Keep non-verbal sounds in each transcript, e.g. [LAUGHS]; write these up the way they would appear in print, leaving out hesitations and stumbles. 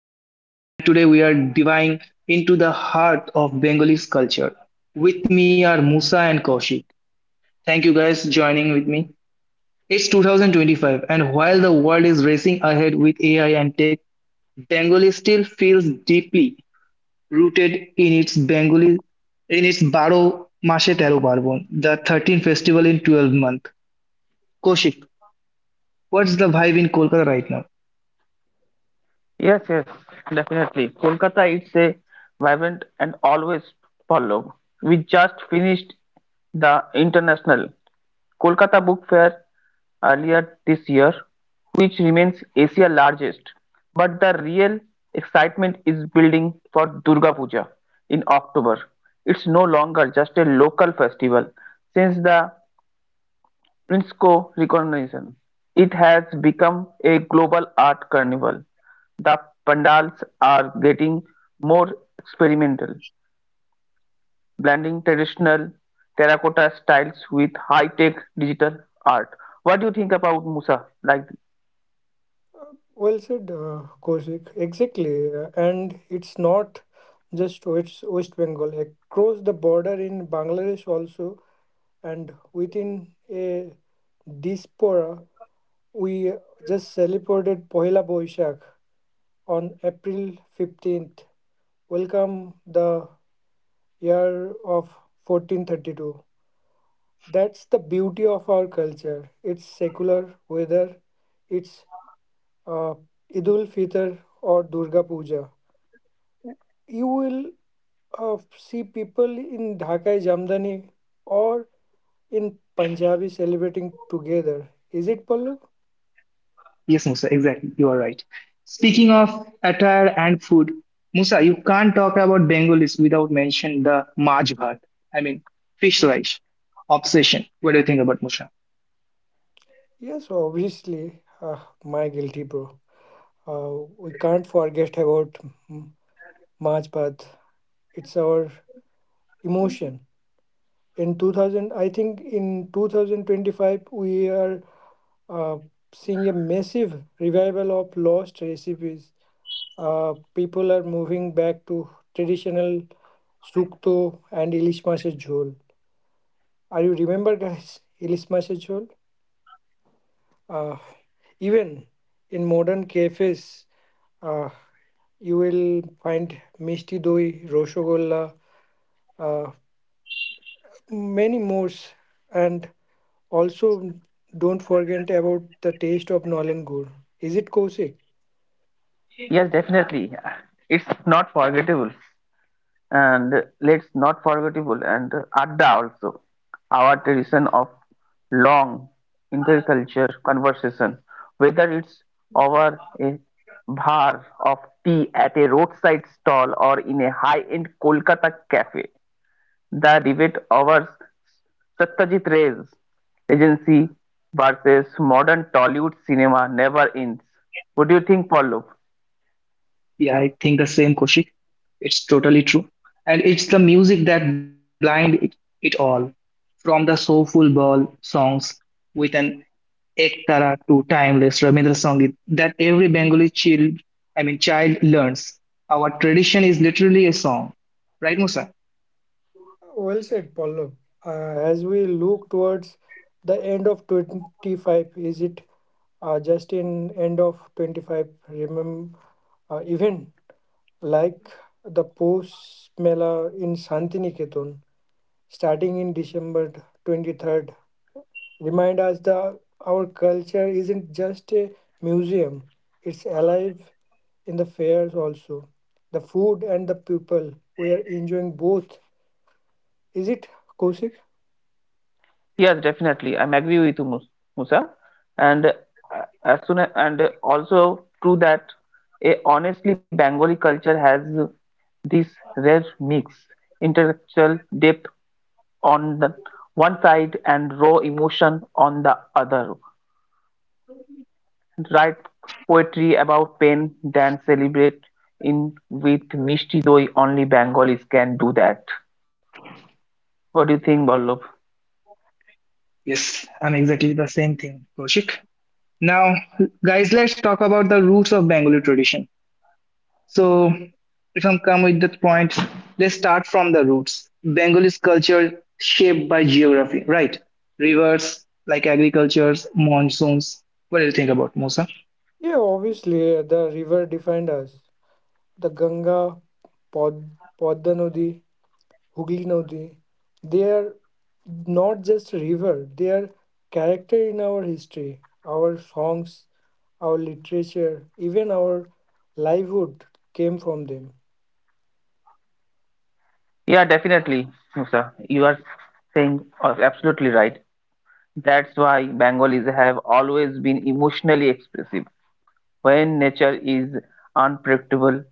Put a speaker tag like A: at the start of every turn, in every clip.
A: I'm Pallab and today we are diving into the heart of Bengali culture. With me are Musa and Kaushik. Thank you guys joining with me. It's 2025 and while the world is racing ahead with AI and tech, Bengali still feels deeply rooted in its Baro Mashe Tero Barbon, the 13th festival in 12 month. Kaushik, what's the vibe in Kolkata right now?
B: Yes, yes, definitely. Kolkata is a vibrant and always follow. We just finished the International Kolkata Book Fair earlier this year, which remains Asia's largest. But the real excitement is building for Durga Puja in October. It's no longer just a local festival since the UNESCO recognition, it has become a global art carnival. The pandals are getting more experimental, blending traditional terracotta styles with high-tech digital art. What do you think about Musa?
C: Well said, Kaushik. Exactly. And it's not just West Bengal. Across the border in Bangladesh also, and within a diaspora, we just celebrated Pohila Boishak on April 15th. Welcome the year of 1432. That's the beauty of our culture. It's secular, whether it's uh, Eid ul Fitr or Durga Puja. You will see people in Dhaka Jamdani or in Punjabi celebrating together. Is it Pallu?
A: Yes, Musa, exactly. You are right. Speaking of attire and food, Musa, you can't talk about Bengalis without mentioning the Maj Bhat. I mean, fish rice, obsession. What do you think about Musa?
C: Yes, obviously. My guilty bro. We can't forget about M- March Path. It's our emotion. In 2000, I think in 2025 we are uh, seeing a massive revival of lost recipes. People are moving back to traditional sukto and ilish masher jhol. Are you remember guys [LAUGHS] ilish masher jhol? Uh, Even in modern cafes, uh, you will find misti doi, roshogolla, uh, many more, and also don't forget about the taste of nolen gur. Is it Kosik?
B: Yes, definitely. It's not forgettable. And let's not forgettable and Adda also, our tradition of long intercultural conversation, whether it's over a bar of tea at a roadside stall or in a high-end Kolkata cafe. The debate over Satyajit Ray's agency versus modern Tollywood cinema never ends. What do you think, Paulo?
A: Yeah, I think the same, Koshik. It's totally true. And it's the music that blind it, it all, from the soulful ball songs with an Ek Tara to timeless Rabindra Sangeet that every Bengali child, I mean child learns. Our tradition is literally a song, right, Musa?
C: Well said, Pallav. As we look towards the end of 25, is it just in end of 25? Remember, even like the post mela in Shantiniketan, starting in December 23rd, remind us that our culture isn't just a museum, it's alive in the fairs also. The food and the people, we are enjoying both. Is it, Kosik?
B: Yes, definitely. I'm agree with you, Musa. And as soon as, and also true that a honestly Bengali culture has this rare mix, intellectual depth on the one side and raw emotion on the other. Write poetry about pain, dance, celebrate in with Mishti Doi. Only Bengalis can do that. What do you think, Ballabh?
A: Yes, I'm exactly the same thing, Koshik. Now, guys, let's talk about the roots of Bengali tradition. So, if I'm come with that point, let's start from the roots. Bengali culture shaped by geography, right? Rivers, like agricultures, monsoons. What do you think about Musa?
C: Yeah, obviously, the river defined us. The Ganga, Pod, Podda Nodi, Hugli Nodi, they are not just a river, they are character in our history, our songs, our literature, even our livelihood came from them.
B: Yeah, definitely, Musa. You are saying absolutely right. That's why Bengalis have always been emotionally expressive. When nature is unpredictable,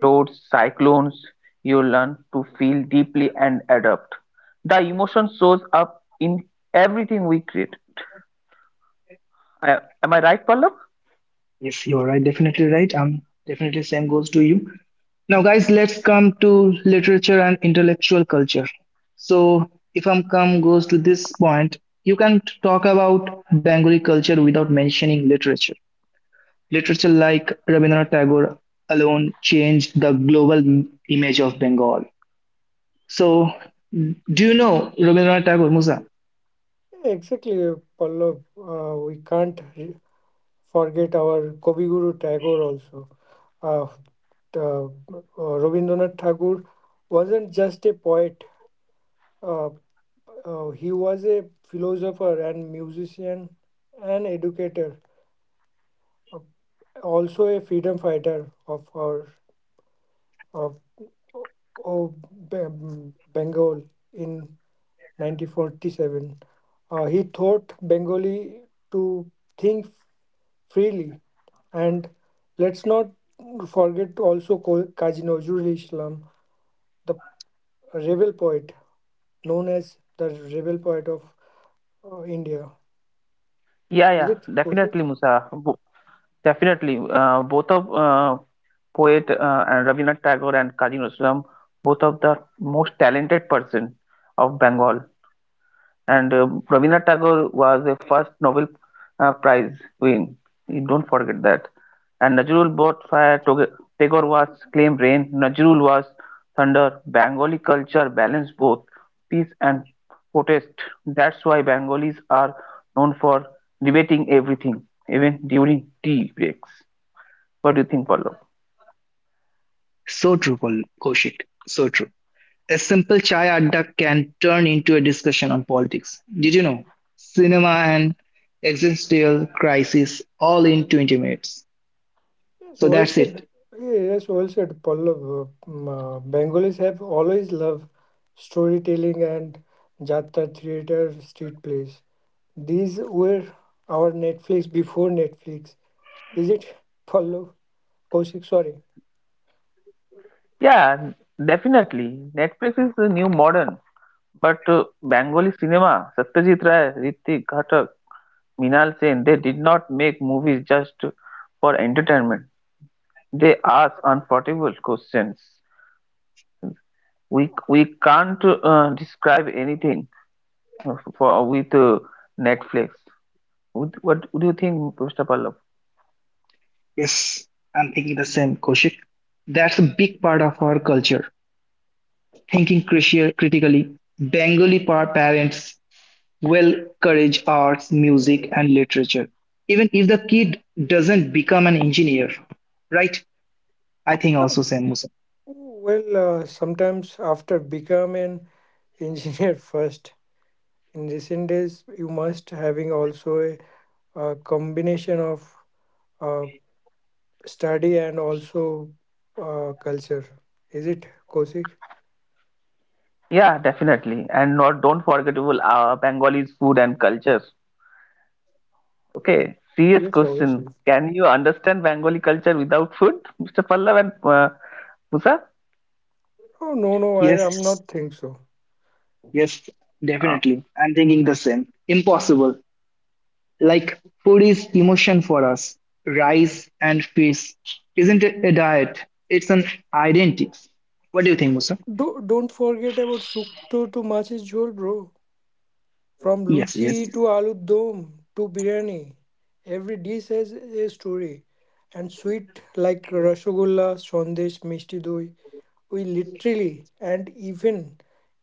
B: floods, cyclones, you learn to feel deeply and adapt. The emotion shows up in everything we create. Am I right, Pallav?
A: Yes, you're right. Definitely right. Definitely same goes to you. Now, guys, let's come to literature and intellectual culture. So, if I'm come goes to this point, you can't talk about Bengali culture without mentioning literature. Literature like Rabindranath Tagore alone changed the global image of Bengal. So, do you know Rabindranath Tagore, Musa?
C: Exactly, Pallav. We can't forget our Kavi Guru Tagore also. Uh, uh, Rabindranath Tagore wasn't just a poet. Uh, he was a philosopher and musician and educator, uh, also a freedom fighter of of, uh, of Bengal in 1947. He taught Bengali to think freely, and let's not forget also Kazi Nazrul Islam, the rebel poet known as the rebel poet of India.
B: Yeah,
C: With Kosi,
B: Definitely, Musa. Definitely, both of poet and Rabindranath Tagore and Kazi Nazrul Islam, both of the most talented person of Bengal. And Rabindranath Tagore was a first Nobel Prize win. You don't forget that. And Nazrul brought fire. Tagore was claim rain. Nazrul was thunder. Bengali culture balanced both peace and protest. That's why Bengalis are known for debating everything, even during tea breaks. What do you think, Pallav?
A: So true, Paul Kaushik. So true. A simple chai adda can turn into a discussion on politics. Did you know? Cinema and existential crisis all in 20 minutes. So
C: yes,
A: that's
C: well
A: it.
C: said. Yes, well said, Pallav. Bengalis have always loved storytelling and jatra theater street plays. These were our Netflix before Netflix. Is it Pallav? Kaushik, sorry.
B: Yeah, definitely. Netflix is the new modern, but Bengali cinema, Satyajit Ray, Ritik Ghatak, Minal Sen, they did not make movies just for entertainment. They ask uncomfortable questions. We can't describe anything for with Netflix. What do you think, Mr. Pallav?
A: Yes, I'm thinking the same, Koshik. That's a big part of our culture. Thinking crucial, critically, Bengali parents will encourage arts, music, and literature. Even if the kid doesn't become an engineer, right? I think also
C: Oh,
A: same, Musa.
C: well, sometimes after become an engineer [LAUGHS] first. In recent days, you must having also a combination of uh, study and also culture. Is it, Kosik?
B: Yeah, definitely. And not don't forget about Bengali's food and culture. Okay, serious
C: Yes,
B: question.
C: obviously.
B: Can you understand Bengali culture without food, Mr. Pallav and Musa?
C: Oh, no, no, am
A: Yes.
C: not think so.
A: Yes, definitely. I'm thinking the same. Impossible. Like food is emotion for us. Rice and fish isn't it a diet? It's an identity. What do you think, Musa?
C: Don't forget about sukto to machis jhol, bro. From
A: Yes, yes.
C: luchi to aloo dom to biryani. Every dish has a story. And sweet like rasgulla, sandesh, mishti doi. We literally and even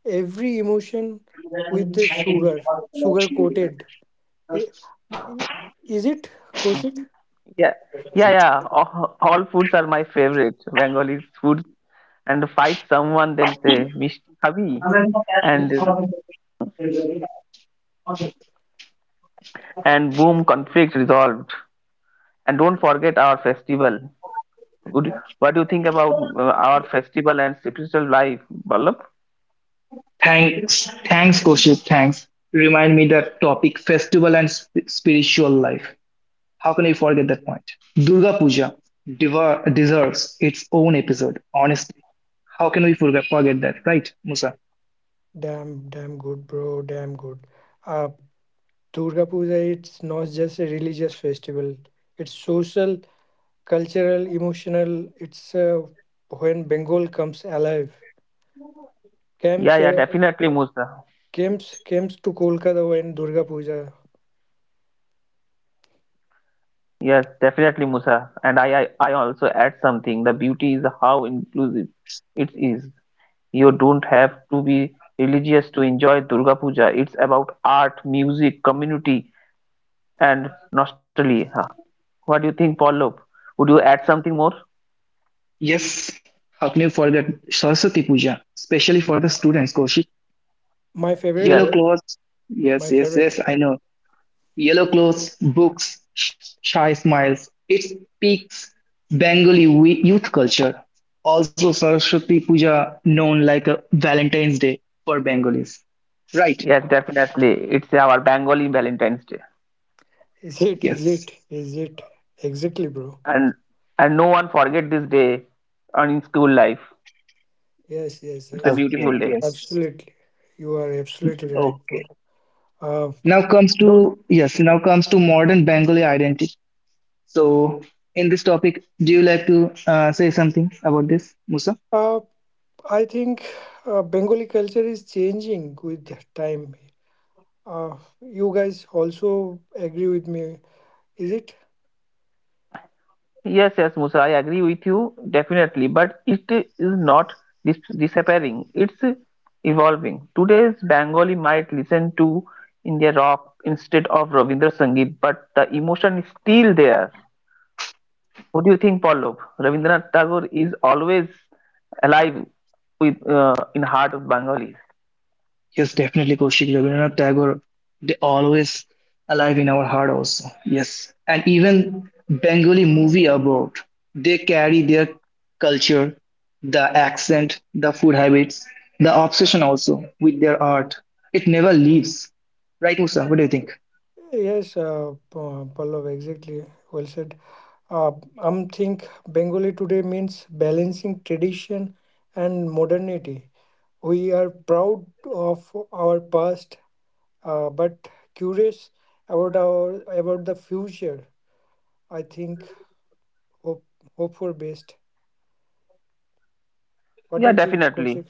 C: every emotion with the sugar coated. I- Is it,
B: Uh,
C: Kosik?
B: Yeah, yeah. All foods are my favorite. Bengali foods and fight someone, then say mishti khabi, and and boom, conflict resolved. And don't forget our festival. Would, what do you think about our festival and spiritual life, Ballab?
A: Thanks, thanks, Koshit. Thanks. Remind me that topic: festival and spiritual life. How can we forget that point? Durga Puja deserves its own episode. Honestly, how can we forget that, right, Musa?
C: Damn, damn good, bro. Damn good. Uh, Durga Puja, it's not just a religious festival. It's social, cultural, emotional. It's when Bengal comes alive.
B: Yeah,
C: Comes,
B: yeah,
C: uh,
B: Definitely, Musa.
C: Comes to Kolkata when Durga Puja.
B: Yes, definitely, Musa. And I also add something. The beauty is how inclusive it is. You don't have to be religious to enjoy Durga Puja. It's about art, music, community, and nostalgia. What do you think, Pallav? Would you add something more?
A: Yes, how can you forget Saraswati Puja, especially for the students, Kaushik?
C: My favorite,
B: Yes,
A: Yellow
C: bro.
A: clothes. Yes,
C: My
A: yes,
C: favorite.
A: yes, I know. Yellow clothes, books, shy smiles. It speaks Bengali youth culture. Also, Saraswati Puja, known like a Valentine's Day for Bengalis. Right.
B: yes, Definitely. It's our Bengali Valentine's Day,
C: Is it? Is
A: Yes.
C: it? Is it? Exactly, bro.
B: and no one forget this day on in school life.
C: Yes, yes,
B: It's a
C: yes.
A: Okay.
B: beautiful day.
A: Yes.
C: Absolutely. You are absolutely right, bro.
A: Okay.
C: Uh,
A: Now comes
C: don't.
A: to yes. Now comes to modern Bengali identity. So, in this topic, do you like to say something about this, Musa?
C: Uh, I think Bengali culture is changing with time. You guys also agree with me, is it?
B: Yes, Musa, I agree with you definitely, but it is not disappearing, it's evolving. Today's Bengali might listen to India rock instead of Rabindra Sangeet, but the emotion is still there. What do you think, Pallav? Rabindranath Tagore is always alive with in heart of Bengalis.
A: Yes, definitely, Kaushik Rabindranath Tagore. They always alive in our heart, also. Yes, and even Bengali movie abroad, they carry their culture, the accent, the food habits, the obsession also with their art. It never leaves. Right, Musa? What do you think?
C: Yes, Pallav, exactly. Well said. Uh, I think Bengali today means balancing tradition and modernity. We are proud of our past, but curious about the future. I think hope hope for best. What do
B: Yeah,
C: you think,
B: definitely.
C: Kaushik?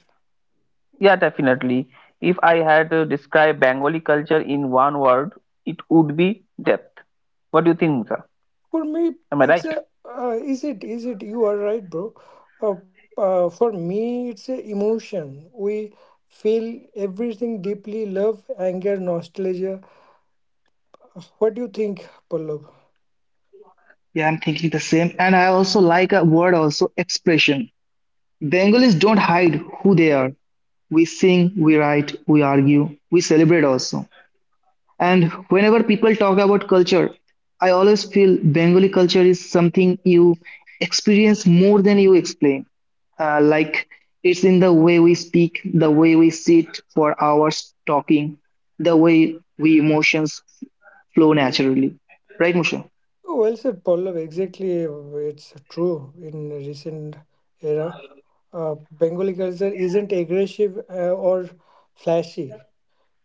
B: Yeah, definitely. If I had to describe Bengali culture in one word, it would be depth. What do you think, Musa?
C: For me,
B: Am I
C: it's
B: right?
C: a is it you are right, bro. Uh, for me, it's a emotion. We feel everything deeply: love, anger, nostalgia. What do you think, Pallav?
A: Yeah, I'm thinking the same. And I also like a word also expression. Bengalis don't hide who they are. We sing, we write, we argue, we celebrate also. And whenever people talk about culture, I always feel Bengali culture is something you experience more than you explain. Like it's in the way we speak, the way we sit for hours talking, the way we emotions flow naturally. Right, Musha?
C: Well said, Pallav. Exactly, it's true. In recent era, uh, Bengali culture isn't aggressive or flashy.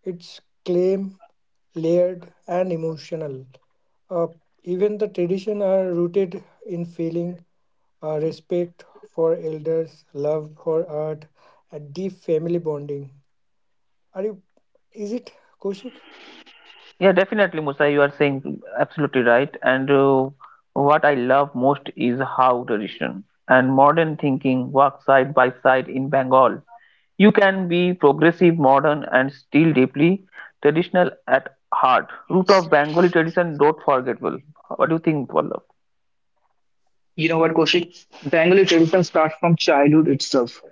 C: It's claim, layered, and emotional. Uh, Even the tradition are rooted in feeling, respect for elders, love for art, and deep family bonding. Are you? Is it Koshik?
B: Yeah, definitely, Musa. You are saying absolutely right. And what I love most is how tradition and modern thinking work side by side in Bengal. You can be progressive, modern, and still deeply traditional at heart. Root of Bengali tradition, not forgetful. What do you think, Pallav?
A: You know what, Koshik? Bengali tradition starts from childhood itself,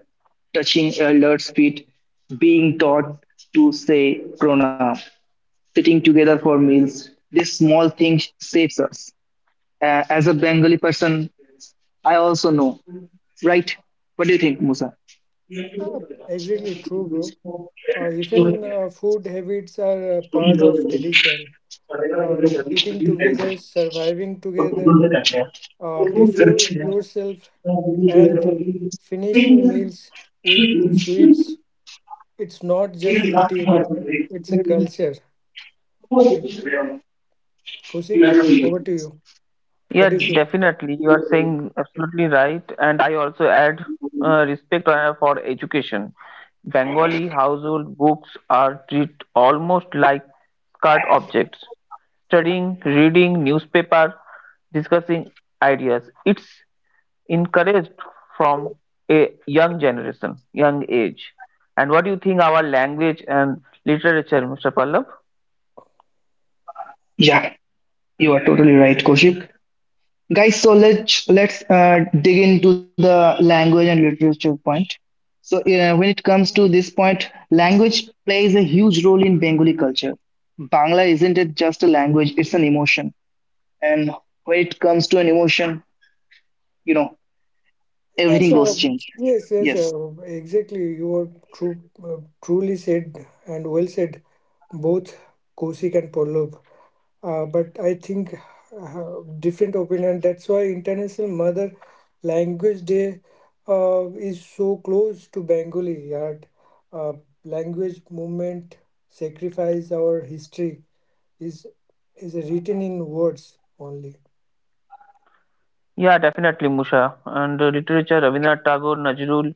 A: touching elders' feet, being taught to say pranam, sitting together for meals. This small thing saves us. As a Bengali person, I also know, right? What do you think, Musa?
C: Uh, exactly true, bro. Even food habits are part of tradition. Uh, Eating together, surviving together, before yourself, and finishing meals with sweets. It's not just routine; it's a culture. Koshik, over to you.
B: Yeah,
C: What do you think?
B: definitely. You are saying absolutely right. And I also add respect for education. Bengali household books are treated almost like card objects. Studying, reading newspaper, discussing ideas. It's encouraged from a young generation, young age. And what do you think our language and literature, Mr. Pallab?
A: Yeah, you are totally right, Koshik. Guys, so let's dig into the language and literature point. So when it comes to this point, language plays a huge role in Bengali culture. Bangla isn't it just a language; it's an emotion. And when it comes to an emotion, you know
C: Yes,
A: everything goes change.
C: yes, yes,
A: Yes.
C: exactly. You are true, truly said and well said, both Kosik and Pallab. But I think different opinion. That's why International Mother Language Day is so close to Bengali art. Uh, Language movement sacrifice our history is is written in words only.
B: Yeah, definitely, Musha. And literature, Rabindranath Tagore, Nazrul,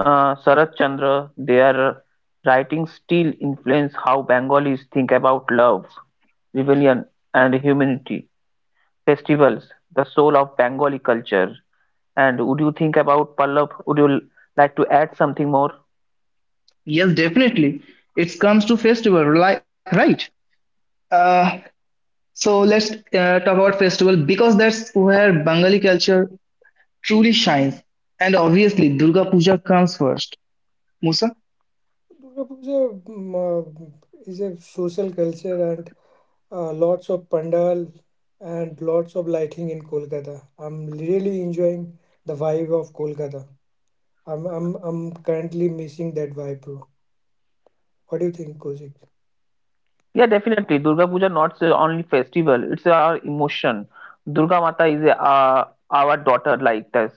B: Sarath Chandra, their writings still influence how Bengalis think about love, rebellion, and humanity, festivals, the soul of Bengali culture. And would you think about Pallav? Would you like to add something more?
A: Yes, definitely. It comes to festival, right? Uh, so let's talk about festival because that's where Bengali culture truly shines. And obviously, Durga Puja comes first. Musa?
C: Durga Puja is a social culture and lots of pandal and lots of lighting in Kolkata. I'm really enjoying the vibe of Kolkata. I'm currently missing that vibe, bro. What do you think, Kozik?
B: Yeah, definitely. Durga Puja not only festival; it's our emotion. Durga Mata is our daughter, like this.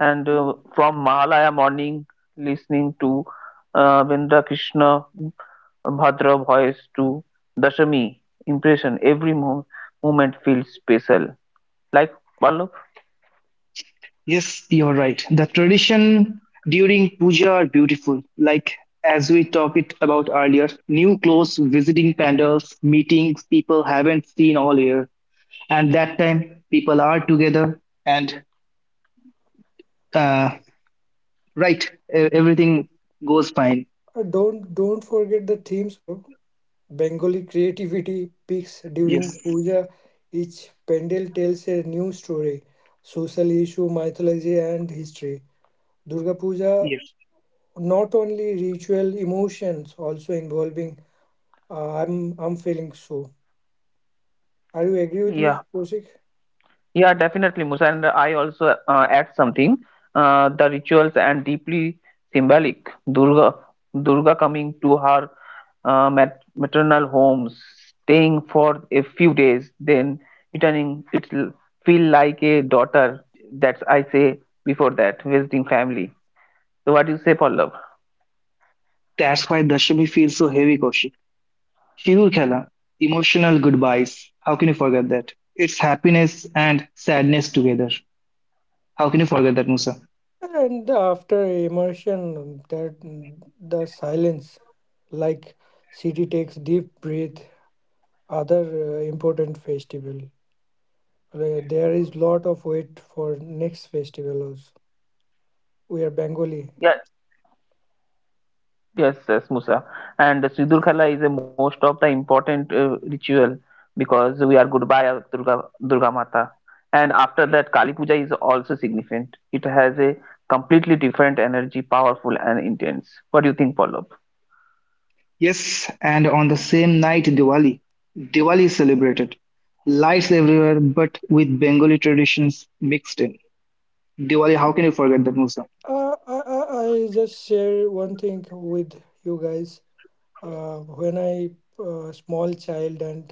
B: And from Mahalaya morning, listening to Vendra Krishna Bhadra voice to Dashami impression, every mo moment feels special. Like Pallav?
A: Yes, you're right. The tradition during puja are beautiful. Like as we talked it about earlier, new clothes, visiting pandals, meetings people haven't seen all year, and that time people are together and uh, right. Everything goes fine.
C: Don't forget the themes, bro. Bengali creativity peaks during
A: Yes,
C: puja. Each pandal tells a new story, social issue, mythology, and history. Durga Puja not only ritual emotions also involving I'm feeling so. Are you agree with me,
B: Yeah,
C: Kosik?
B: yeah, definitely, Musa. And I also add something. The rituals and deeply symbolic. Durga coming to her maternal homes, staying for a few days, then returning. It feel like a daughter. That's I say before that visiting family. So what do you say, Pallav?
A: that's why Dashami feels so heavy, Kaushik. Shigur Khela, emotional goodbyes. How can you forget that? It's happiness and sadness together. How can you forget that, Musa?
C: And after immersion that the silence like city takes deep breath. Other important festival. There is lot of wait for next festival also. We are bengali.
B: Yeah, yes, Musa. And Sidur Khala is a most of the important ritual because we are goodbye of Durga Mata. And after that, Kali Puja is also significant. It has a completely different energy, powerful and intense. What do you think, Pallav?
A: Yes, and on the same night, Diwali. Diwali is celebrated. Lights everywhere, but with Bengali traditions mixed in. Diwali, how can you forget that, Musa?
C: I just share one thing with you guys when I small child. And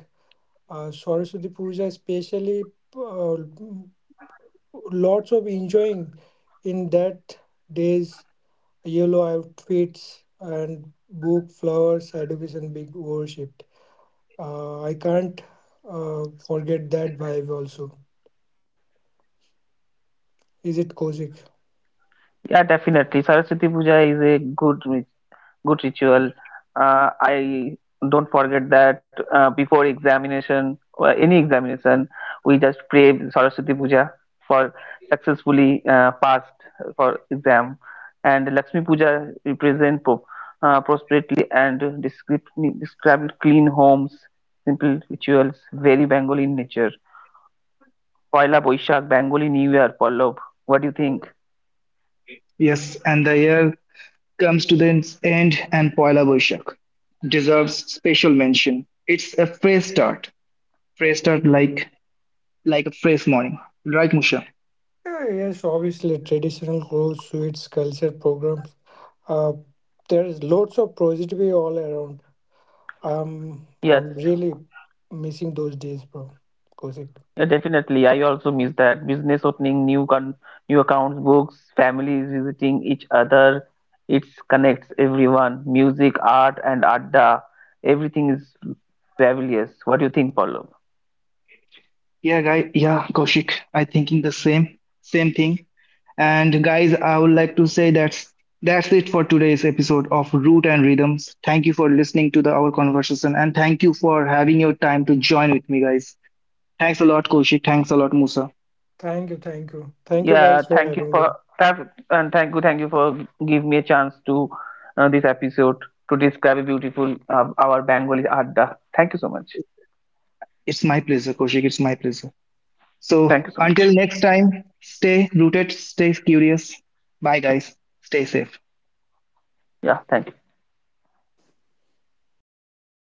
C: Saraswati Puja, especially, uh, lots of enjoying in that days. Yellow outfits and book flowers, education being worshipped. I can't forget that vibe also. Is it Kozik?
B: Yeah, definitely. Saraswati Puja is a good ritual. I don't forget that before examination or any examination, we just pray Saraswati Puja for successfully passed for exam, and Lakshmi Puja represent prosperity and describe described clean homes, simple rituals, very Bengali in nature. Poila Boishak, Bengali New Year, Pallab. What do you think?
A: Yes, and the year comes to the end and Poila Boishak deserves special mention. It's a fresh start. Fresh start like a fresh morning. Right, Musha?
C: Yeah, yes, obviously, traditional clothes, sweets, culture programs. Uh, there's lots of positivity all around. Um,
B: Yes.
C: I'm really missing those days, bro. Kozik.
B: Yeah, definitely. I also miss that. Business opening, new accounts, books, families visiting each other. It connects everyone. Music, art, and adda. Everything is fabulous. What do you think, Paulo?
A: Yeah, guy. Yeah, Kaushik. I thinking the same thing. And guys, I would like to say that's it for today's episode of Root and Rhythms. Thank you for listening to the our conversation and thank you for having your time to join with me, guys. Thanks a lot, Kaushik. Thanks a lot, Musa.
C: Thank you, thank you. Thank you
B: Yeah,
C: guys for
B: thank you
C: having me.
B: for thank- and thank you, for give me a chance to this episode to describe a beautiful our Bengali adda. Thank you so much.
A: It's my pleasure, Kaushik. It's my pleasure. So
B: Thank you so much.
A: until next time, stay rooted, stay curious. Bye, guys. Stay safe.
B: Yeah, thank you.